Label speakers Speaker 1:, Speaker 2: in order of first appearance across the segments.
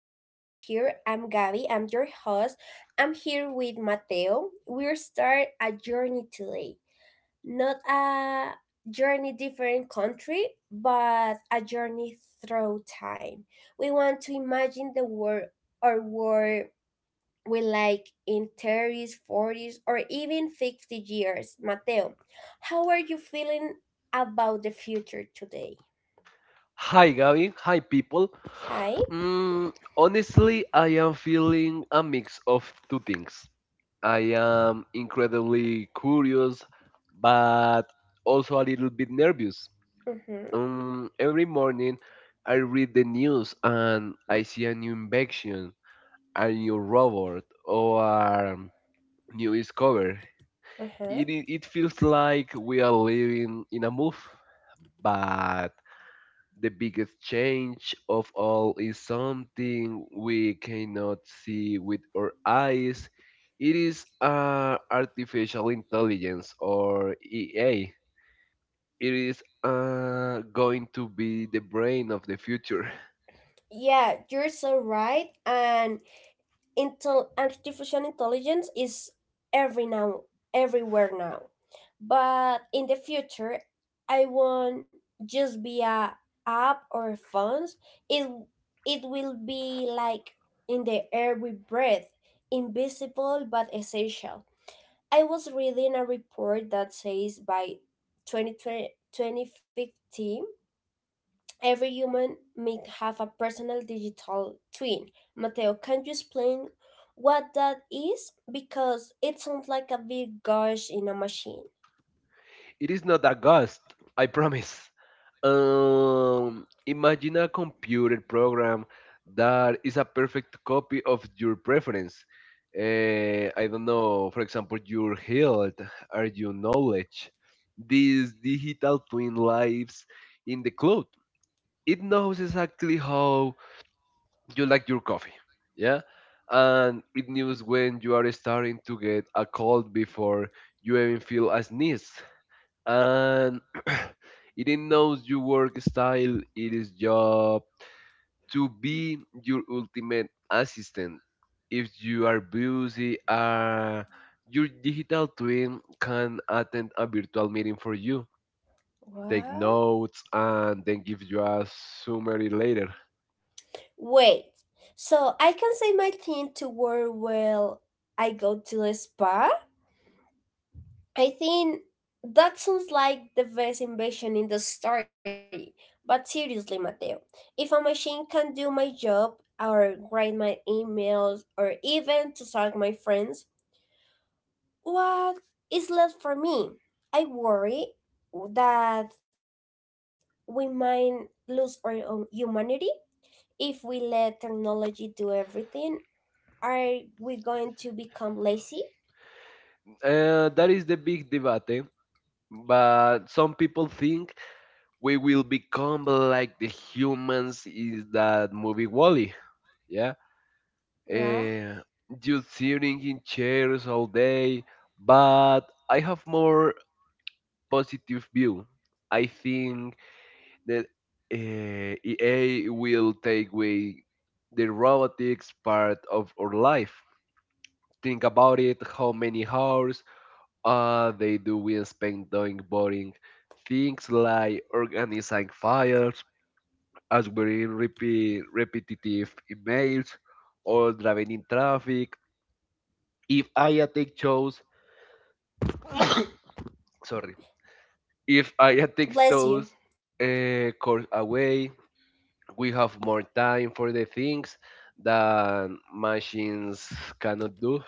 Speaker 1: excited to be here. I'm Gabby, I'm your host. I'm here with Mateo. We'll start a journey today. Not a journey different country, but a journey through time. We want to imagine the world or world will like in 30s, 40s, or even 50 years. Mateo, how are you feeling about the future today?
Speaker 2: Hi Gavin, hi people.
Speaker 1: Hi.
Speaker 2: Honestly, I am feeling a mix of two things. I am incredibly curious, but also a little bit nervous.
Speaker 1: Mm-hmm.
Speaker 2: Every morning, I read the news and I see a new invention, a new robot, or a new discovery.
Speaker 1: Uh-huh.
Speaker 2: It feels like we are living in a move, but the biggest change of all is something we cannot see with our eyes. It is artificial intelligence or EA. It is going to be the brain of the future.
Speaker 1: Yeah, you're so right. And artificial intelligence is every now everywhere now, but in the future I won't just be a app or phones. It it will be like in the air we breathe, invisible but essential. I was reading a report that says by 2020, every human may have a personal digital twin. Mateo, can you explain what that is? Because it sounds like a big gush in a machine.
Speaker 2: It is not a ghost, I promise. Imagine a computer program that is a perfect copy of your preference. I don't know, for example, your health or your knowledge. These digital twin lives in the cloud. It knows exactly how you like your coffee. Yeah. And it knows when you are starting to get a cold before you even feel a sneeze and it knows your work style. It is job to be your ultimate assistant. If you are busy, your digital twin can attend a virtual meeting for you, take
Speaker 1: What?
Speaker 2: notes, and then give you a summary later.
Speaker 1: Wait, so I can say my thing to where well I go to the spa? I think that sounds like the best invention in the story. But seriously, Mateo, if a machine can do my job or write my emails or even to talk my friends, what is left for me? I worry that we might lose our own humanity if we let technology do everything. Are we going to become lazy?
Speaker 2: That is the big debate. But some people think we will become like the humans is that movie Wally. Yeah.
Speaker 1: Yeah.
Speaker 2: uh, just sitting in chairs all day, but I have more positive view. I think that EA will take away the robotics part of our life. Think about it, how many hours they do we spend doing boring things like organizing files, answering repetitive emails, or driving in traffic. If I take shows sorry. If I take
Speaker 1: Bless you.
Speaker 2: those course away, we have more time for the things that machines cannot do.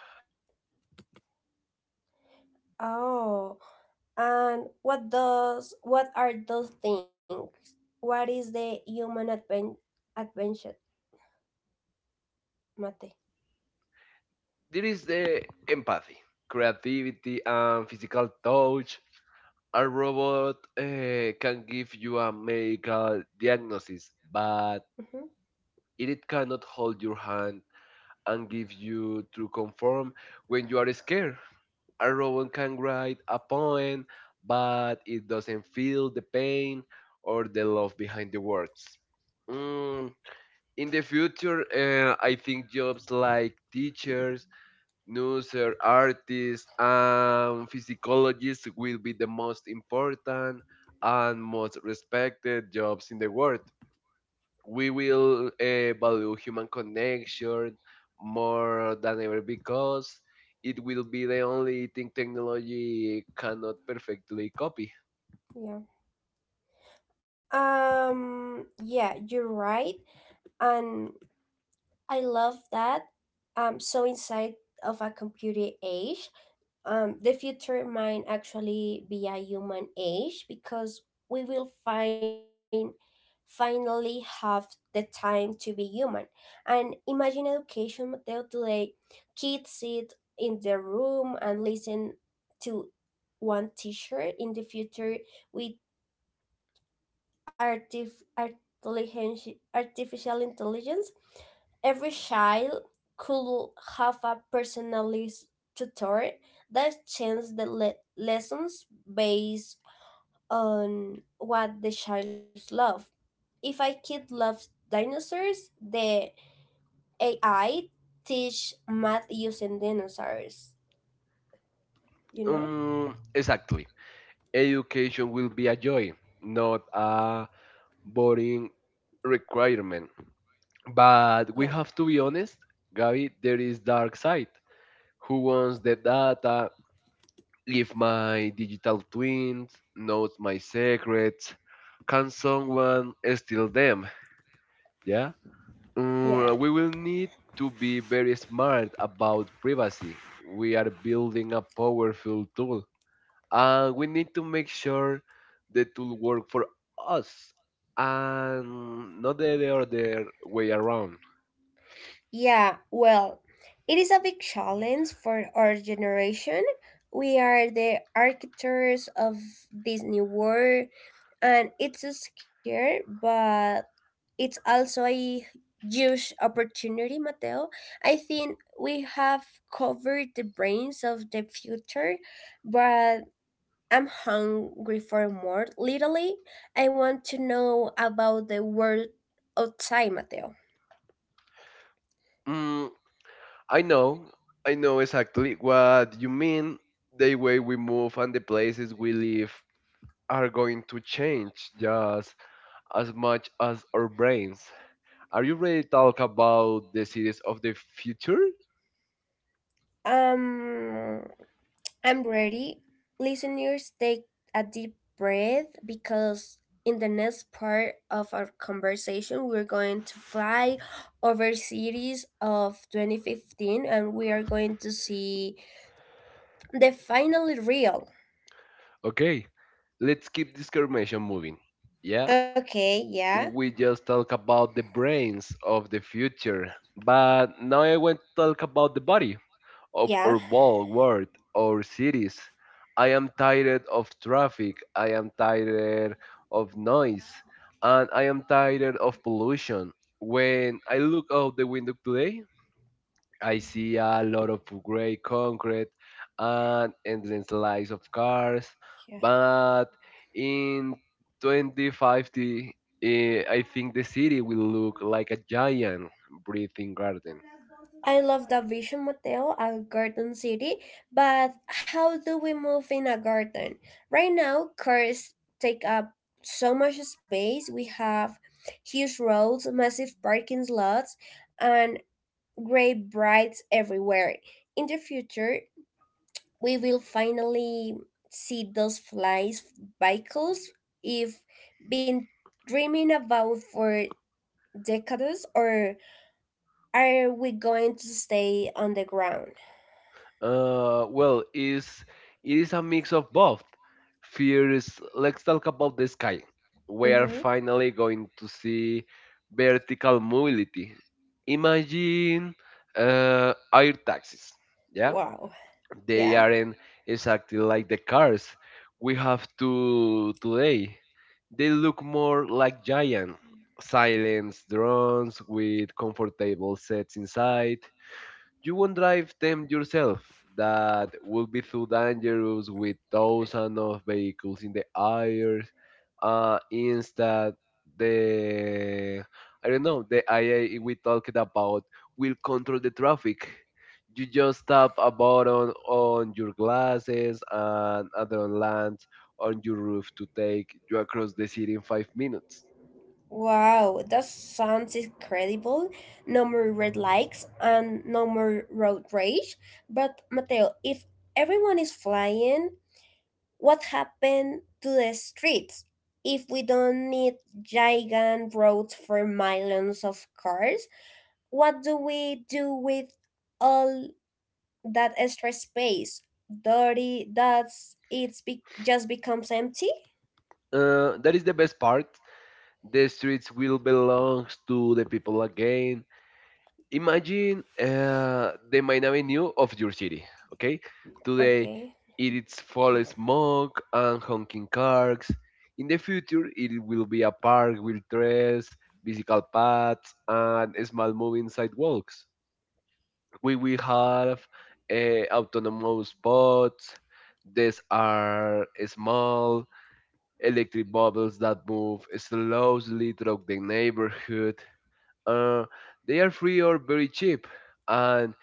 Speaker 1: Oh, and what does, what are those things? What is the adventure, Mate?
Speaker 2: There is the empathy, creativity, and physical touch. A robot can give you a medical diagnosis, but
Speaker 1: Mm-hmm.
Speaker 2: it cannot hold your hand and give you true comfort when you are scared. A robot can write a poem, but it doesn't feel the pain or the love behind the words. Mm, in the future, I think jobs like teachers, nurses, artists, and physiologists will be the most important and most respected jobs in the world. We will value human connection more than ever because it will be the only thing technology cannot perfectly copy.
Speaker 1: Yeah. Yeah, you're right. And I love that. So inside of a computer age, the future might actually be a human age because we will find finally have the time to be human. And imagine education, Mateo, today. Kids sit in their room and listen to one teacher. In the future, we artificial intelligence, every child could have a personalized tutor that changes the lessons based on what the child loves. If a kid loves dinosaurs, the AI teach math using dinosaurs. You know?
Speaker 2: Exactly. Education will be a joy, not a boring requirement.
Speaker 1: Yeah.
Speaker 2: But we have to be honest, Gaby, there is dark side. Who wants the data? If my digital twin knows my secrets, can someone steal them? Yeah?
Speaker 1: Yeah.
Speaker 2: We will need to be very smart about privacy. We are building a powerful tool. And we need to make sure the tool works for us and not the other way around.
Speaker 1: Yeah, well, it is a big challenge for our generation. We are the architects of this new world, and it's a scare. But it's also a huge opportunity, Mateo. I think we have covered the brains of the future, but I'm hungry for more. Literally, I want to know about the world outside, Mateo.
Speaker 2: Mm, I know, I know exactly what you mean. The way we move and the places we live are going to change just as much as our brains. Are you ready to talk about the cities of the future?
Speaker 1: Um, I'm ready. Listeners, take a deep breath because in the next part of our conversation, we're going to fly over cities of 2015 and we are going to see the finally real.
Speaker 2: Okay, let's keep this conversation moving. Yeah,
Speaker 1: Okay, yeah,
Speaker 2: we just talk about the brains of the future, but now I want to talk about the body of
Speaker 1: yeah,
Speaker 2: our whole world, our cities. I am tired of traffic. I am tired of noise. And I am tired of pollution. When I look out the window today, I see a lot of gray concrete and endless lines of cars.
Speaker 1: yeah.
Speaker 2: But in 2050, I think the city will look like a giant breathing garden.
Speaker 1: I love the Vision Motel at Garden City, but how do we move in a garden? Right now, cars take up so much space. We have huge roads, massive parking lots, and great brights everywhere. In the future, we will finally see those flies vehicles if been dreaming about for decades, or are we going to stay on the ground?
Speaker 2: Uh, well, is is a mix of both. Fears. Let's talk about the sky. We are
Speaker 1: Mhm.
Speaker 2: finally going to see vertical mobility. Imagine air taxis. Yeah,
Speaker 1: Wow.
Speaker 2: they
Speaker 1: Yeah.
Speaker 2: aren't exactly like the cars we have to today. They look more like giant, silent drones with comfortable sets inside. You won't drive them yourself. That will be too dangerous with thousands of vehicles in the air. Instead, the I don't know the IA we talked about will control the traffic. You just tap a button on your glasses and other lands on your roof to take you across the city in 5 minutes.
Speaker 1: Wow. That sounds incredible. No more red lights and no more road rage. But Mateo, if everyone is flying, what happened to the streets? If we don't need giant roads for millions of cars, what do we do with all that extra space? Dirty. Just becomes empty.
Speaker 2: That is the best part. The streets will belong to the people again. Imagine the main avenue of your city, okay? Today,
Speaker 1: Okay.
Speaker 2: it is full of smoke and honking cars. In the future, it will be a park with trees, bicycle paths, and small moving sidewalks. We will have autonomous pods. These are small electric bubbles that move slowly through the neighborhood. Uh, they are free or very cheap and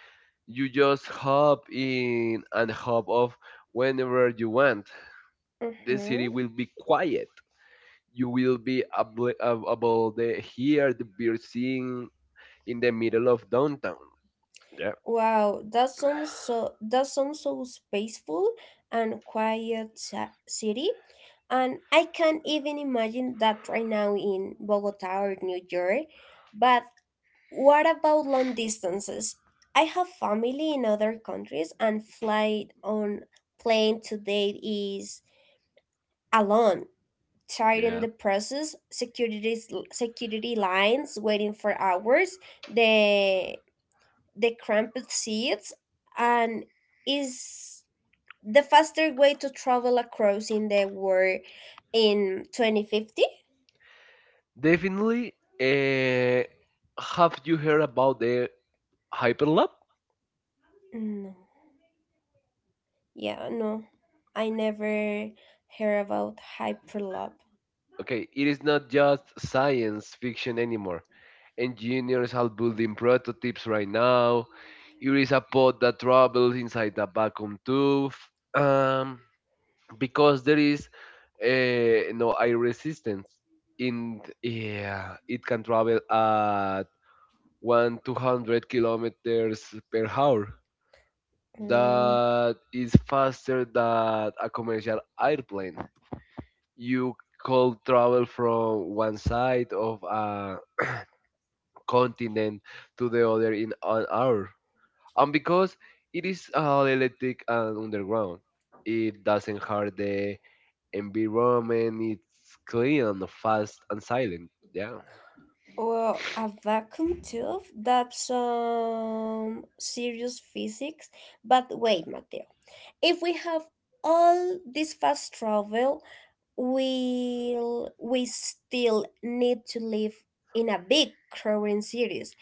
Speaker 2: you just hop in and hop off whenever you want. The city
Speaker 1: Mm-hmm.
Speaker 2: will be quiet. You will be able to hear the birds sing in the middle of downtown. Yeah,
Speaker 1: Wow, that sounds so, that sounds so spaceful and quiet city. And I can't even imagine that right now in Bogota or New York. But what about long distances? I have family in other countries and flight on plane today is alone. Tiring
Speaker 2: yeah.
Speaker 1: the process, security, security lines waiting for hours, the the crumpled seats, and is the faster way to travel across in the world in 2050?
Speaker 2: Definitely. Uh, have you heard about the Hyperloop?
Speaker 1: No. Yeah, no, I never heard about hyperloop.
Speaker 2: Okay, it is not just science fiction anymore. Engineers are building prototypes right now. Here is a pod that travels inside a vacuum tube um, because there is no air resistance. In yeah, it can travel at 1,200 kilometers per hour.
Speaker 1: Mm,
Speaker 2: That is faster than a commercial airplane. You could travel from one side of a continent to the other in an hour. And because it is all electric and underground, it doesn't hurt the environment. It's clean, fast, and silent. Yeah,
Speaker 1: well, a vacuum tube? That's some serious physics. But wait, Mateo. If we have all this fast travel, will we still need to live in a big crowded cities?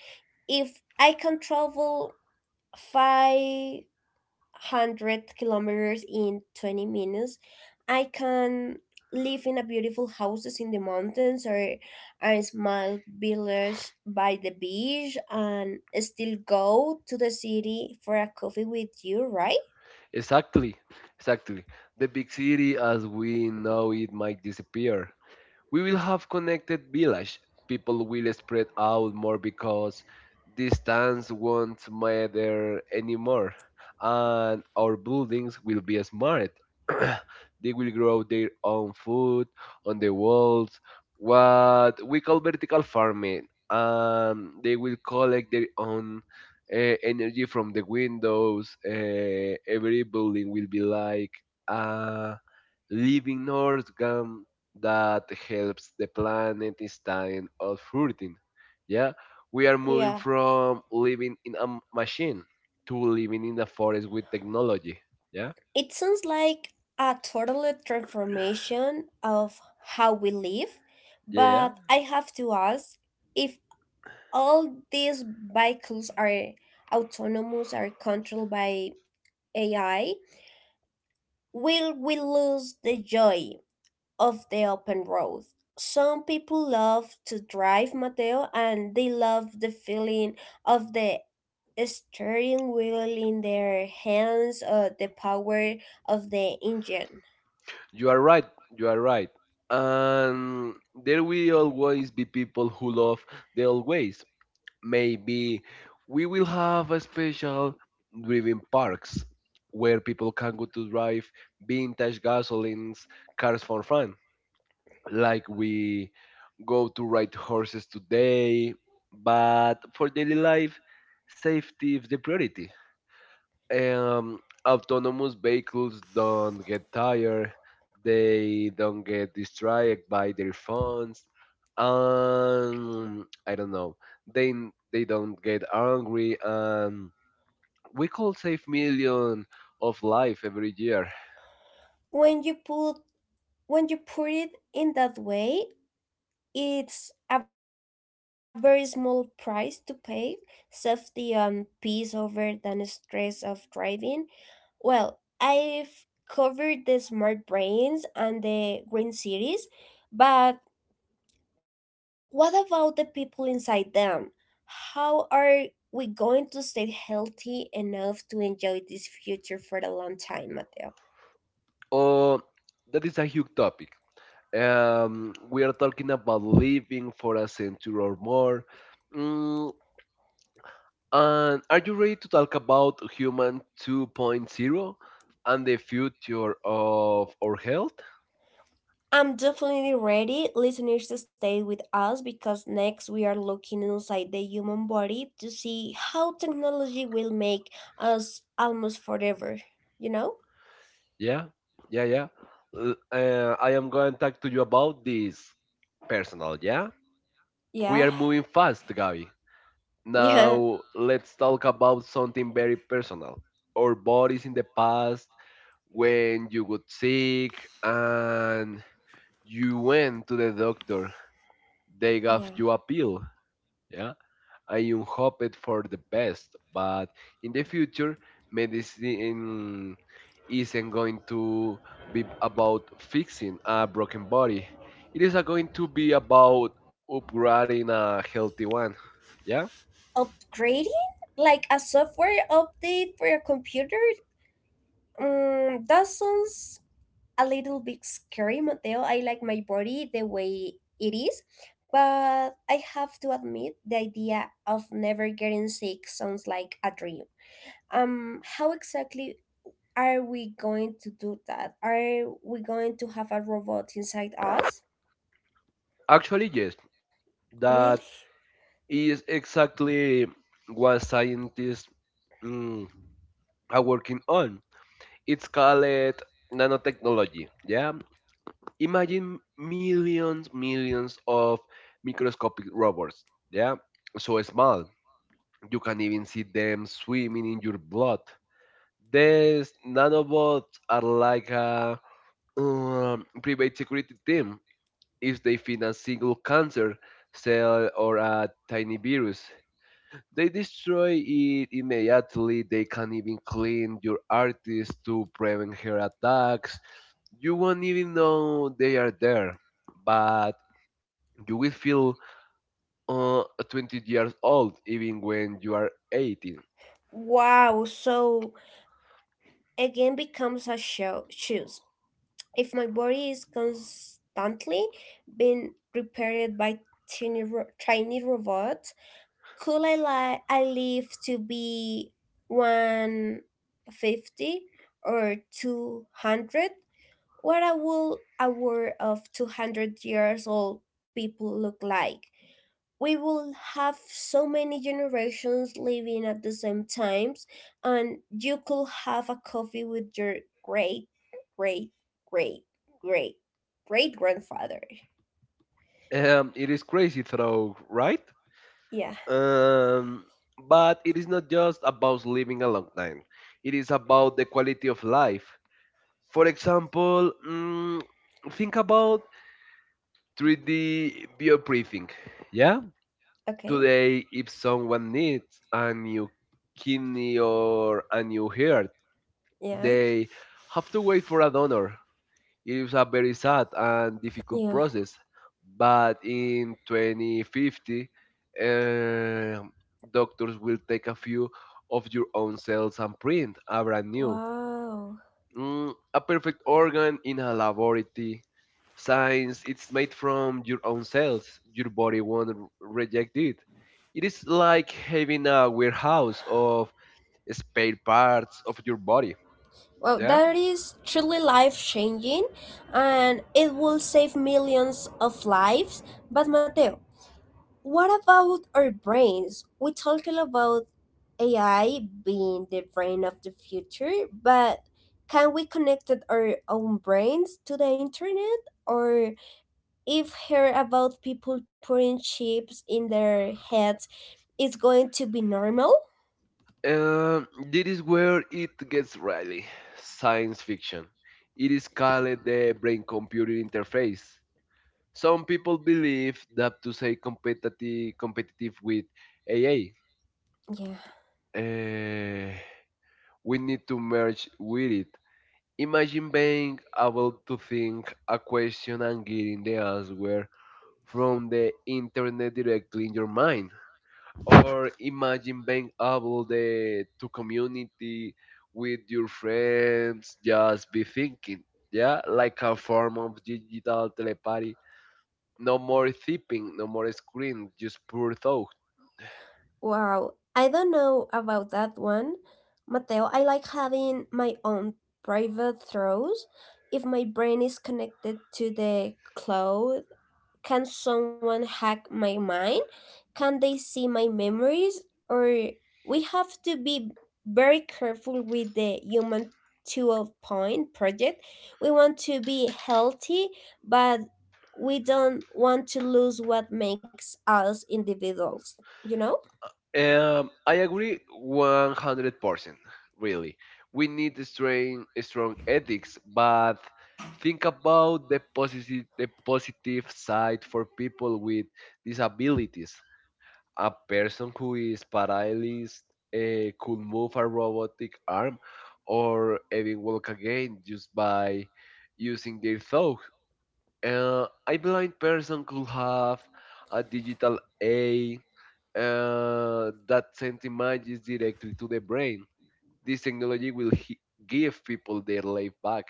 Speaker 1: If I can travel 500 kilometers in 20 minutes, I can live in a beautiful houses in the mountains or a small village by the beach and still go to the city for a coffee with you, right?
Speaker 2: exactly, exactly. The big city as we know it might disappear, we will have connected village. People will spread out more because distance won't matter anymore, and our buildings will be smart. They will grow their own food on the walls, what we call vertical farming. They will collect their own energy from the windows. Every building will be like a living organism that helps the planet instead of hurting. Yeah, we are moving
Speaker 1: Yeah.
Speaker 2: from living in a machine to living in the forest with technology. Yeah,
Speaker 1: It sounds like a total transformation of how we live,
Speaker 2: yeah,
Speaker 1: but I have to ask, if all these vehicles are autonomous are controlled by AI, will we lose the joy of the open road? Some people love to drive, Mateo, and they love the feeling of the steering wheel in their hands or the power of the engine.
Speaker 2: you are right. You are right. And there will always be people who love the old ways. Maybe we will have a special driven parks where people can go to drive vintage gasolines cars for fun like we go to ride horses today, but for daily life safety is the priority. um, Autonomous vehicles don't get tired. They don't get distracted by their phones. I don't know they they don't get angry and we could save millions of life every year.
Speaker 1: when you put when you put it in that way, it's a very small price to pay, safety and peace over than stress of driving. Well, I've covered the smart brains and the green cities, but what about the people inside them? How are we going to stay healthy enough to enjoy this future for a long time, Mateo?
Speaker 2: Oh, that is a huge topic. We are talking about living for a century or more. Mm, and are you ready to talk about human two point zero and the future of our health?
Speaker 1: I'm definitely ready. Listeners, to stay with us because next we are looking inside the human body to see how technology will make us almost forever. You know?
Speaker 2: Yeah, yeah, yeah. I am going to talk to you about this personal, yeah?
Speaker 1: Yeah.
Speaker 2: We are moving fast, Gabi.
Speaker 1: Yeah.
Speaker 2: Now, let's talk about something very personal. Our bodies in the past, when you got sick, and you went to the doctor. They gave
Speaker 1: Yeah.
Speaker 2: you a pill. Yeah. And you hoped for the best. But in the future, medicine isn't going to be about fixing a broken body. It is going to be about upgrading a healthy one. Yeah.
Speaker 1: Upgrading? Like a software update for your computer? Mm, that sounds a little bit scary, Mateo. I like my body the way it is. But I have to admit, the idea of never getting sick sounds like a dream. Um, how exactly are we going to do that? Are we going to have a robot inside us?
Speaker 2: Actually, yes.
Speaker 1: Really?
Speaker 2: That is exactly what scientists mm, are working on. It's called nanotechnology. Yeah, imagine millions of microscopic robots. Yeah, so small you can even see them swimming in your blood. These nanobots are like a private security team. If they find a single cancer cell or a tiny virus, they destroy it immediately. They can even clean your artist to prevent her attacks. You won't even know they are there, but you will feel 20 years old even when you are 18.
Speaker 1: Wow. So again becomes a show choose. If my body is constantly being repaired by tiny robots, could I I live to be 150 or 200? What a, will a world of 200 years old people look like. We will have so many generations living at the same times, and you could have a coffee with your great, great, great, great, great grandfather.
Speaker 2: It is crazy though, right?
Speaker 1: Yeah,
Speaker 2: Um, but it is not just about living a long time. It is about the quality of life. For example, think about 3D bioprinting. Yeah?
Speaker 1: okay.
Speaker 2: Today, if someone needs a new kidney or a new heart,
Speaker 1: Yeah,
Speaker 2: they have to wait for a donor. It is a very sad and difficult
Speaker 1: yeah.
Speaker 2: process, but in 2050, um doctors will take a few of your own cells and print a brand new,
Speaker 1: Wow.
Speaker 2: a perfect organ in a laboratory. Since it's made from your own cells. Your body won't reject it. It is like having a warehouse of spare parts of your body.
Speaker 1: Well,
Speaker 2: Yeah.
Speaker 1: that is truly life changing, and it will save millions of lives. But, Mateo, what about our brains? We talk a lot about AI being the brain of the future, but can we connect our own brains to the internet? Or if hear about people putting chips in their heads, it's going to be normal?
Speaker 2: This is where it gets really science fiction. It is called the brain computer interface. Some people believe that to say competitive with AI,
Speaker 1: Yeah.
Speaker 2: uh, we need to merge with it. Imagine being able to think a question and getting the answer from the internet directly in your mind. Or imagine being able to community with your friends, just be thinking, yeah, like a form of digital telepathy. No more thipping, no more screen, just pure thought.
Speaker 1: Wow. I don't know about that one. Mateo, I like having my own private throws. If my brain is connected to the cloud, can someone hack my mind? Can they see my memories? Or we have to be very careful with the human 2.0 point project. We want to be healthy, but we don't want to lose what makes us individuals, you know?
Speaker 2: I agree 100%, really. We need a strong ethics, but think about the positive side for people with disabilities. A person who is paralyzed could move a robotic arm or even walk again just by using their thought. A blind person could have a digital eye that sends images directly to the brain. This technology will give people their life back.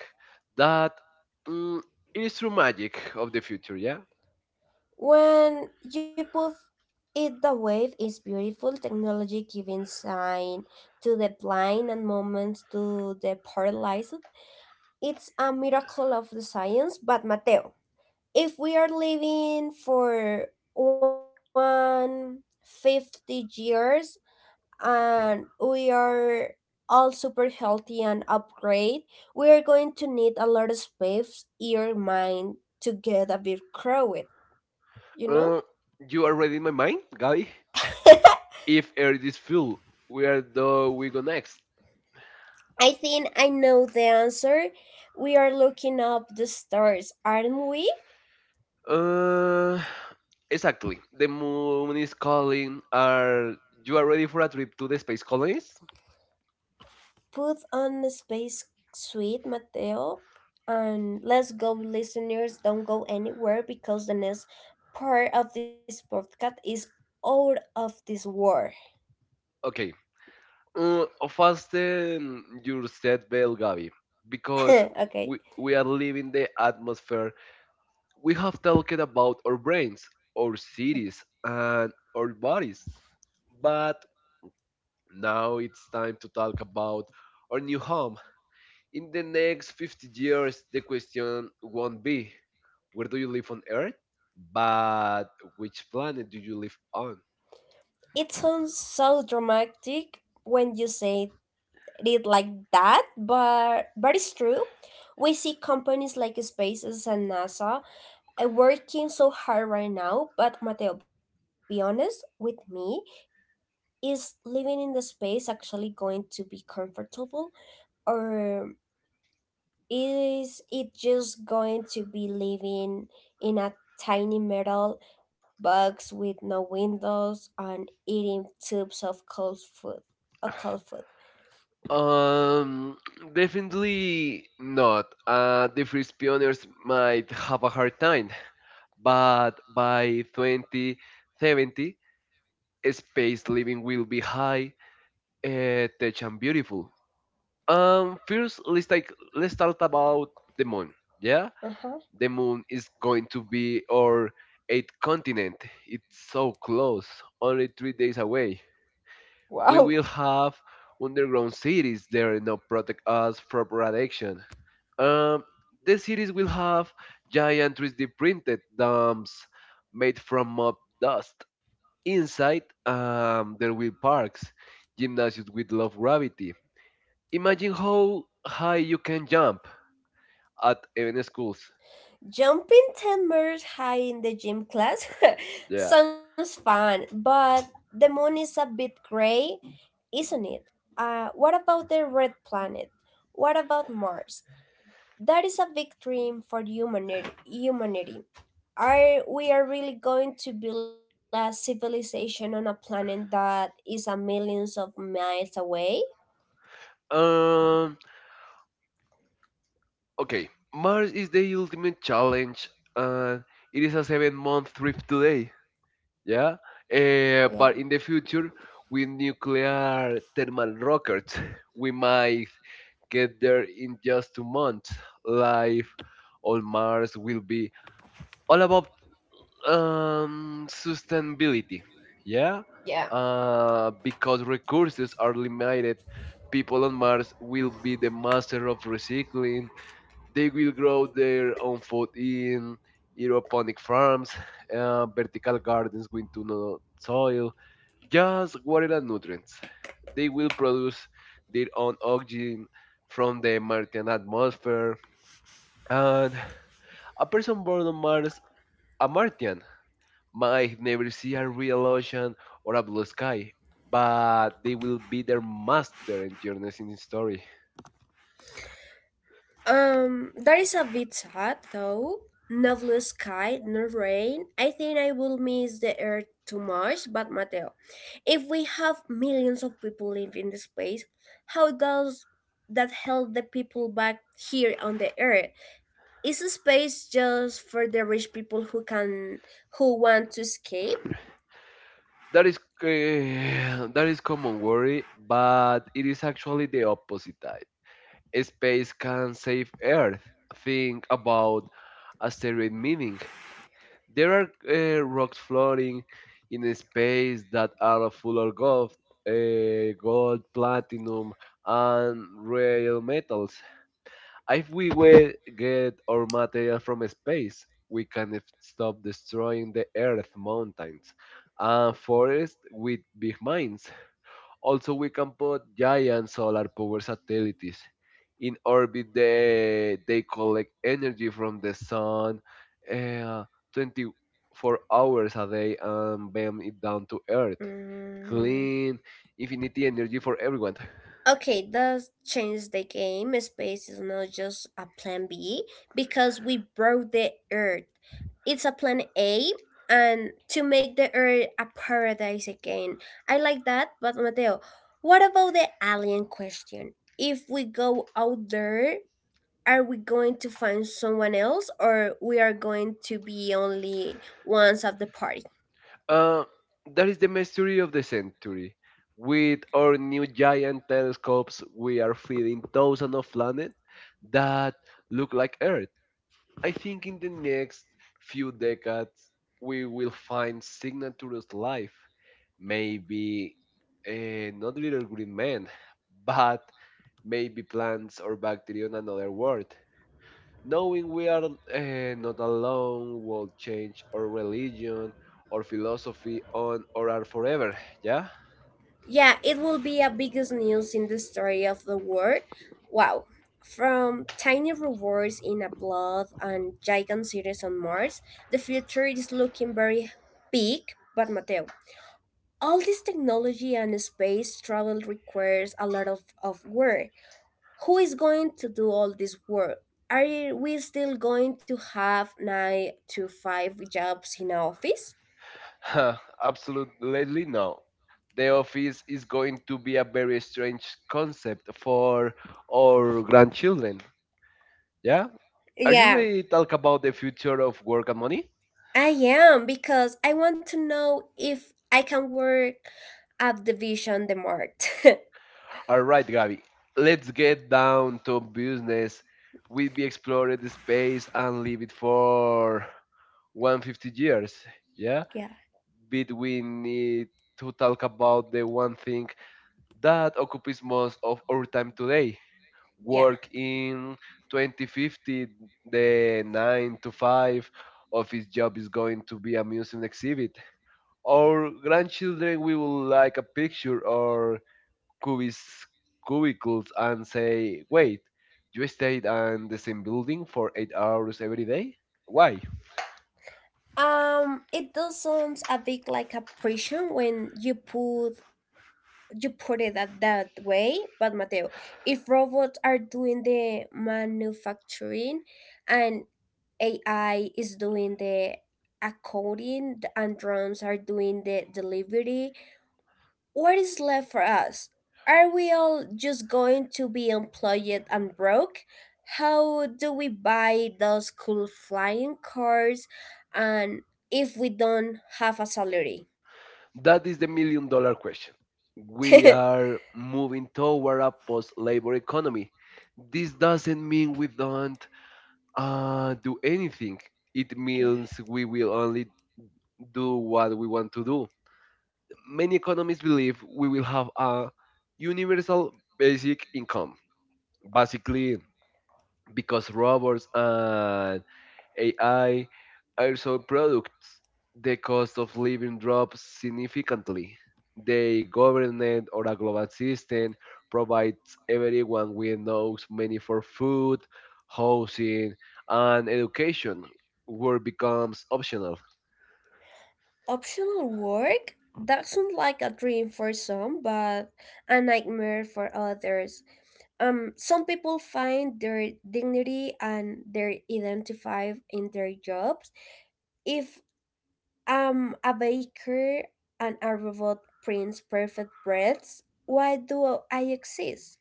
Speaker 2: That mm, is true magic of the future, yeah?
Speaker 1: When you put it the wave is beautiful technology giving sign to the blind and moments to the paralyzed. It's a miracle of the science, but Mateo, if we are living for 150 years and we are all super healthy and upgrade, we are going to need a lot of space. Your mind to get a bit crowded, you know?
Speaker 2: Uh, you are reading my mind, Gabi? If Earth is full, where do we go next?
Speaker 1: I think I know the answer. We are looking up the stars, aren't we?
Speaker 2: Uh, exactly. The moon is calling. Are you are ready for a trip to the space colonies?
Speaker 1: Put on a space suit, Mateo, and let's go. Listeners, don't go anywhere because the next part of this podcast is out of this world.
Speaker 2: Okay. Uh, Fasten your seatbelt, Gabi, because
Speaker 1: Okay. Okay.
Speaker 2: we are leaving the atmosphere. We have talked about our brains, our cities, and our bodies. But now it's time to talk about our new home. In the next 50 years, the question won't be where do you live on Earth, but which planet do you live on?
Speaker 1: It sounds so dramatic when you say it like that, but it's true. We see companies like SpaceX and NASA, working so hard right now. But Mateo, be honest with me, is living in the space actually going to be comfortable, or is it just going to be living in a tiny metal box with no windows and eating tubes of cold food? A cold food.
Speaker 2: Um, Definitely not. The first pioneers might have a hard time, but by 2070, space living will be high, tech and beautiful. First, let's talk about the moon. Yeah,
Speaker 1: Uh-huh.
Speaker 2: the moon is going to be our eighth continent. It's so close, only 3 days away. We
Speaker 1: Wow.
Speaker 2: will have underground cities there now protect us from radiation. Um, the cities will have giant 3D printed dams made from mob dust. Inside, there will parks, gymnasiums with low gravity. Imagine how high you can jump at even schools.
Speaker 1: Jumping 10 meters high in the gym class
Speaker 2: Yeah.
Speaker 1: sounds fun, but the moon is a bit gray, isn't it? What about the red planet? What about Mars? That is a big dream for humanity. Are we are really going to build a civilization on a planet that is a millions of miles away?
Speaker 2: Um, Okay, Mars is the ultimate challenge, and it is a seven-month trip today. Yeah, Eh,
Speaker 1: Yeah.
Speaker 2: but in the future, with nuclear thermal rockets, we might get there in just 2 months. Life on Mars will be all about sustainability. Yeah, because resources are limited, people on Mars will be the master of recycling. They will grow their own food in aeroponic farms, vertical gardens with no soil, just water and nutrients. They will produce their own oxygen from the Martian atmosphere, and a person born on Mars, a Martian, might never see a real ocean or a blue sky, but they will be their master and journeys in story.
Speaker 1: That is a bit sad though. No blue sky, no rain. I think I will miss the earth too much. But Mateo, if we have millions of people living in the space, how does that help the people back here on the earth? Is space just for the rich people who, can who want to escape?
Speaker 2: That is that is common worry, but it is actually the opposite type. Space can save Earth. Think about asteroid mining. There are rocks floating in space that are full of gold, platinum, and rare metals. If we will get our material from space, we can stop destroying the Earth mountains and forests with big mines. Also, we can put giant solar power satellites in orbit. They collect energy from the sun uh, 24 hours a day and beam it down to Earth.
Speaker 1: Mm.
Speaker 2: Clean, infinity energy for everyone.
Speaker 1: Okay, that changed the game. Space is not just a plan B because we broke the Earth. It's a plan A and to make the Earth a paradise again. I like that, but Mateo, what about the alien question? If we go out there, are we going to find someone else or we are going to be only ones at the party?
Speaker 2: Uh, that is the mystery of the century. With our new giant telescopes, we are feeding thousands of planets that look like Earth. I think in the next few decades we will find signatures life. Maybe not little green men, but maybe plants or bacteria on another world. Knowing we are not alone will change our religion or philosophy on or are forever. Yeah,
Speaker 1: Yeah, it will be a biggest news in the story of the world. Wow. From tiny rewards in a blood and giant cities on Mars, the future is looking very big, but Mateo. All this technology and space travel requires a lot of work. Who is going to do all this work? Are we still going to have nine to five jobs in our office?
Speaker 2: absolutely no. The office is going to be a very strange concept for our grandchildren. Yeah. Are you
Speaker 1: Yeah,
Speaker 2: ready to talk about the future of work and money?
Speaker 1: I am because I want to know if I can work at the Vision the Mart.
Speaker 2: All right, Gabby, let's get down to business. We'll be exploring the space and leave it for 150 years. Yeah,
Speaker 1: Yeah.
Speaker 2: but we need to talk about the one thing that occupies most of our time today.
Speaker 1: Yeah.
Speaker 2: Work in 2050, the 9 to 5 office job is going to be a museum exhibit. Our grandchildren we will like a picture or cubis, cubicles and say, wait, you stayed in the same building for 8 hours every day? Why?
Speaker 1: It does sounds a bit like a prison when you put, it that, way, but Mateo, if robots are doing the manufacturing and AI is doing the accounting and drones are doing the delivery, what is left for us? Are we all just going to be employed and broke? How do we buy those cool flying cars and if we don't have a salary?
Speaker 2: That is the million dollar question. We are moving toward a post labor economy. This doesn't mean we don't do anything. It
Speaker 1: Okay.
Speaker 2: means we will only do what we want to do. Many economists believe we will have a universal basic income, basically because robots and AI are so products, the cost of living drops significantly. The government or a global system provides everyone with enough money for food, housing, and education, work becomes optional.
Speaker 1: Optional work? That sounds like a dream for some, but a nightmare for others. Some people find their dignity and their identify in their jobs. If I'm a baker and a robot prints perfect breads. Why do I exist?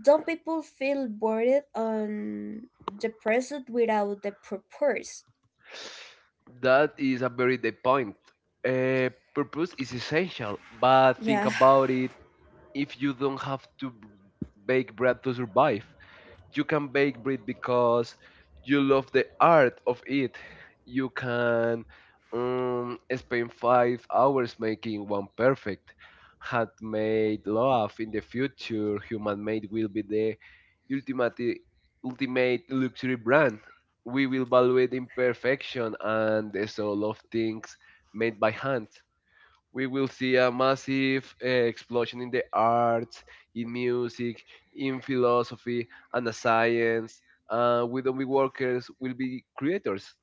Speaker 1: Don't people feel bored and depressed without the purpose?
Speaker 2: That is a very good point. Purpose is essential, but think
Speaker 1: Yeah,
Speaker 2: about it. If you don't have to bake bread to survive, you can bake bread because you love the art of it. You can spend 5 hours making one perfect handmade loaf. In the future, human made will be the ultimate ultimate luxury brand. We will value the imperfection and the soul of things made by hand. We will see a massive explosion in the arts, in music, in philosophy, and the science. We don't be workers, we'll be creators.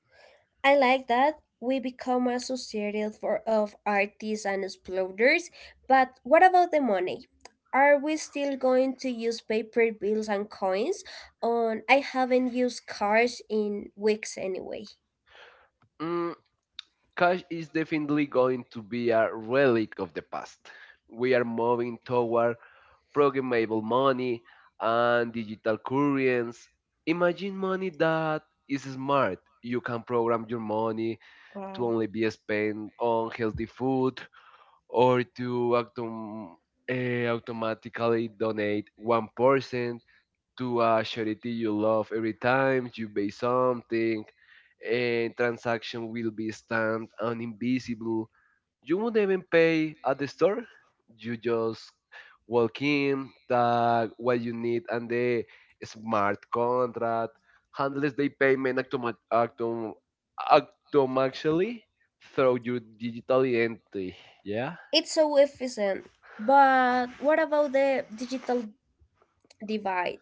Speaker 1: I like that. We become a society for, of artists and explorers, but what about the money? Are we still going to use paper bills and coins? On I haven't used cards in weeks anyway.
Speaker 2: Mm, cash is definitely going to be a relic of the past. We are moving toward programmable money and digital currents. Imagine money that is smart. You can program your money to only be spent on healthy food, or to automatically donate 1% to a charity you love every time you buy something, and transaction will be stamped on invisible. You won't even pay at the store, you just walk in, tag what you need, and the smart contract handles the payment automatically through your digital entity, yeah.
Speaker 1: It's so efficient. But what about the digital divide?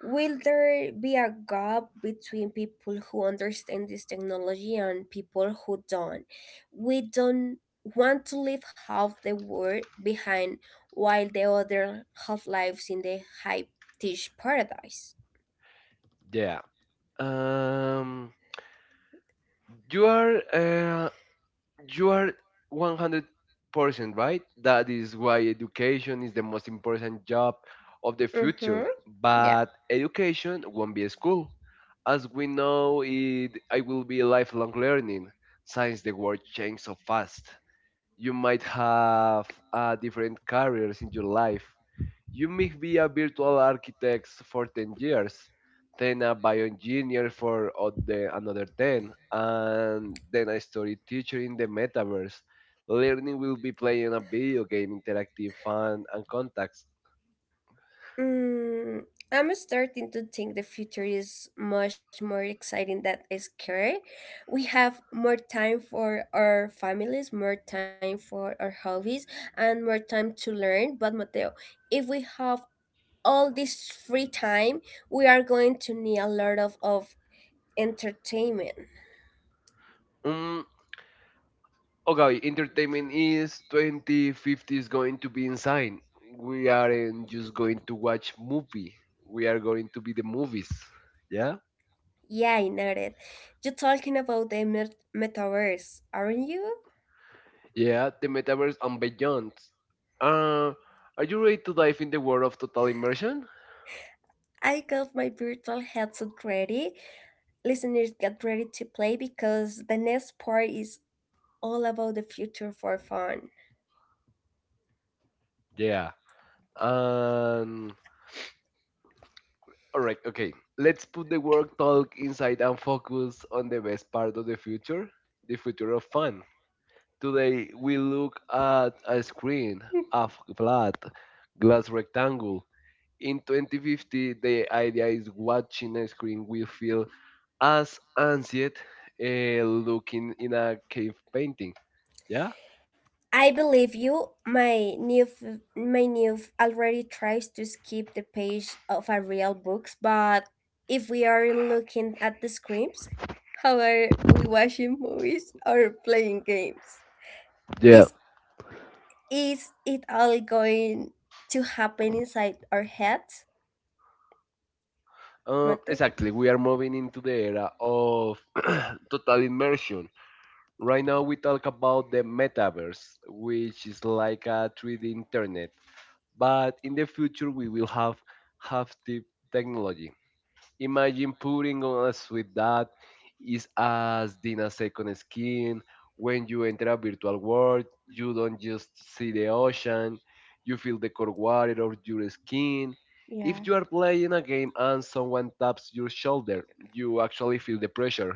Speaker 1: Will there be a gap between people who understand this technology and people who don't? We don't want to leave half the world behind while the other half lives in the high tech paradise.
Speaker 2: Yeah. Um, you are you are 100% right. That is why education is the most important job of the future.
Speaker 1: Mm-hmm. Yeah.
Speaker 2: But education won't be a school. As we know, it I will be lifelong learning since the world changes so fast. You might have different careers in your life, you may be a virtual architect for 10 years, then a bioengineer for another 10, and then a story teacher in the metaverse. Learning will be playing a video game, interactive fun, and contacts.
Speaker 1: Mm, I'm starting to think the future is much more exciting than scary. We have more time for our families, more time for our hobbies, and more time to learn. But Mateo, if we have all this free time, we are going to need a lot of entertainment.
Speaker 2: Mm, okay, entertainment is 2050 is going to be insane. We aren't just going to watch movie. We are going to be the movies. Yeah?
Speaker 1: Yeah, I noted. You're talking about the metaverse, aren't you?
Speaker 2: Yeah, the metaverse and beyond. Uh, are you ready to dive in the world of total immersion?
Speaker 1: I got my virtual headset ready. Listeners, get ready to play because the next part is all about the future for fun.
Speaker 2: Yeah. Um, all right, okay. Let's put the work talk inside and focus on the best part of the future of fun. Today, we look at a screen, a flat glass rectangle. In 2050, the idea is watching a screen will feel as ancient looking in a cave painting. Yeah?
Speaker 1: I believe you. My new already tries to skip the page of a real books, but if we aren't looking at the screens, how are we watching movies or playing games?
Speaker 2: Yeah.
Speaker 1: Is it all going to happen inside our heads, Mate?
Speaker 2: Exactly. We are moving into the era of total immersion. Right now, we talk about the metaverse, which is like a 3D internet. But in the future, we will have the technology. Imagine putting on a suit that is as thin as second skin. When you enter a virtual world, you don't just see the ocean, you feel the cold water on your skin. If you are playing a game and someone taps your shoulder, you actually feel the pressure.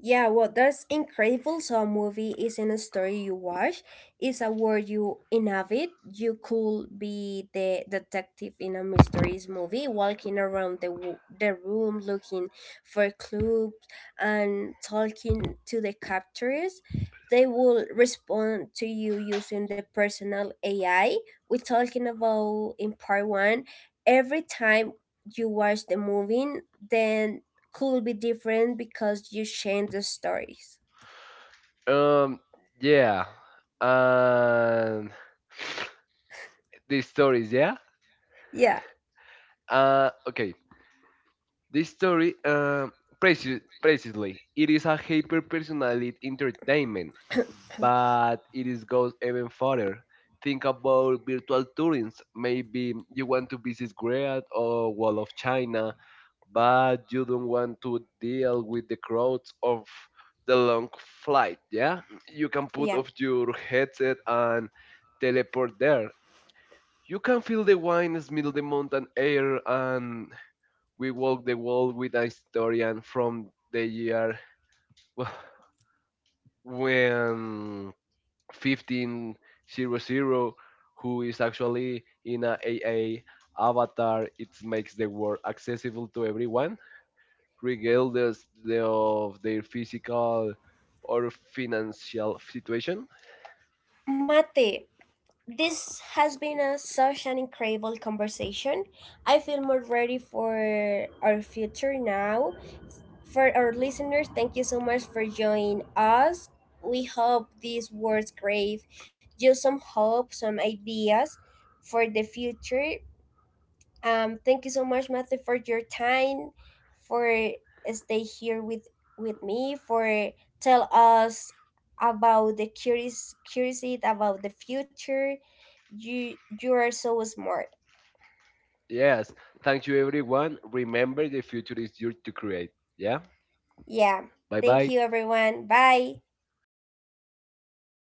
Speaker 1: Yeah, well, that's incredible. So, a movie isn't a story you watch; it's a world you inhabit. You could be the detective in a mysterious movie, walking around the the room looking for clues and talking to the captors. They will respond to you using the personal AI. We're talking about in part one. Every time you watch the movie, then could be different because you change the stories.
Speaker 2: Um, yeah. And the stories, yeah?
Speaker 1: Yeah,
Speaker 2: Okay. The story, precisely, it is a hyper personality entertainment, but it is goes even further. Think about virtual tourings. Maybe you want to visit Great or Wall of China, but you don't want to deal with the crowds of the long flight. Yeah, you can put
Speaker 1: yeah.
Speaker 2: off your headset and teleport there. You can feel the wine, smell the mountain air, and we walk the world with a historian from the year when 1500 who is actually in a AA avatar. It makes the world accessible to everyone, regardless of their physical or financial situation.
Speaker 1: Mate, this has been a, such an incredible conversation. I feel more ready for our future now. For our listeners, thank you so much for joining us. We hope these words gave you some hope, some ideas for the future. Thank you so much, Matthew, for your time, for stay here with me, for tell us about the curious curiosity about the future. You are so smart.
Speaker 2: Yes, thank you everyone. Remember, the future is yours to create. Yeah,
Speaker 1: Yeah.
Speaker 2: bye
Speaker 1: Thank
Speaker 2: bye.
Speaker 1: you, everyone. Bye.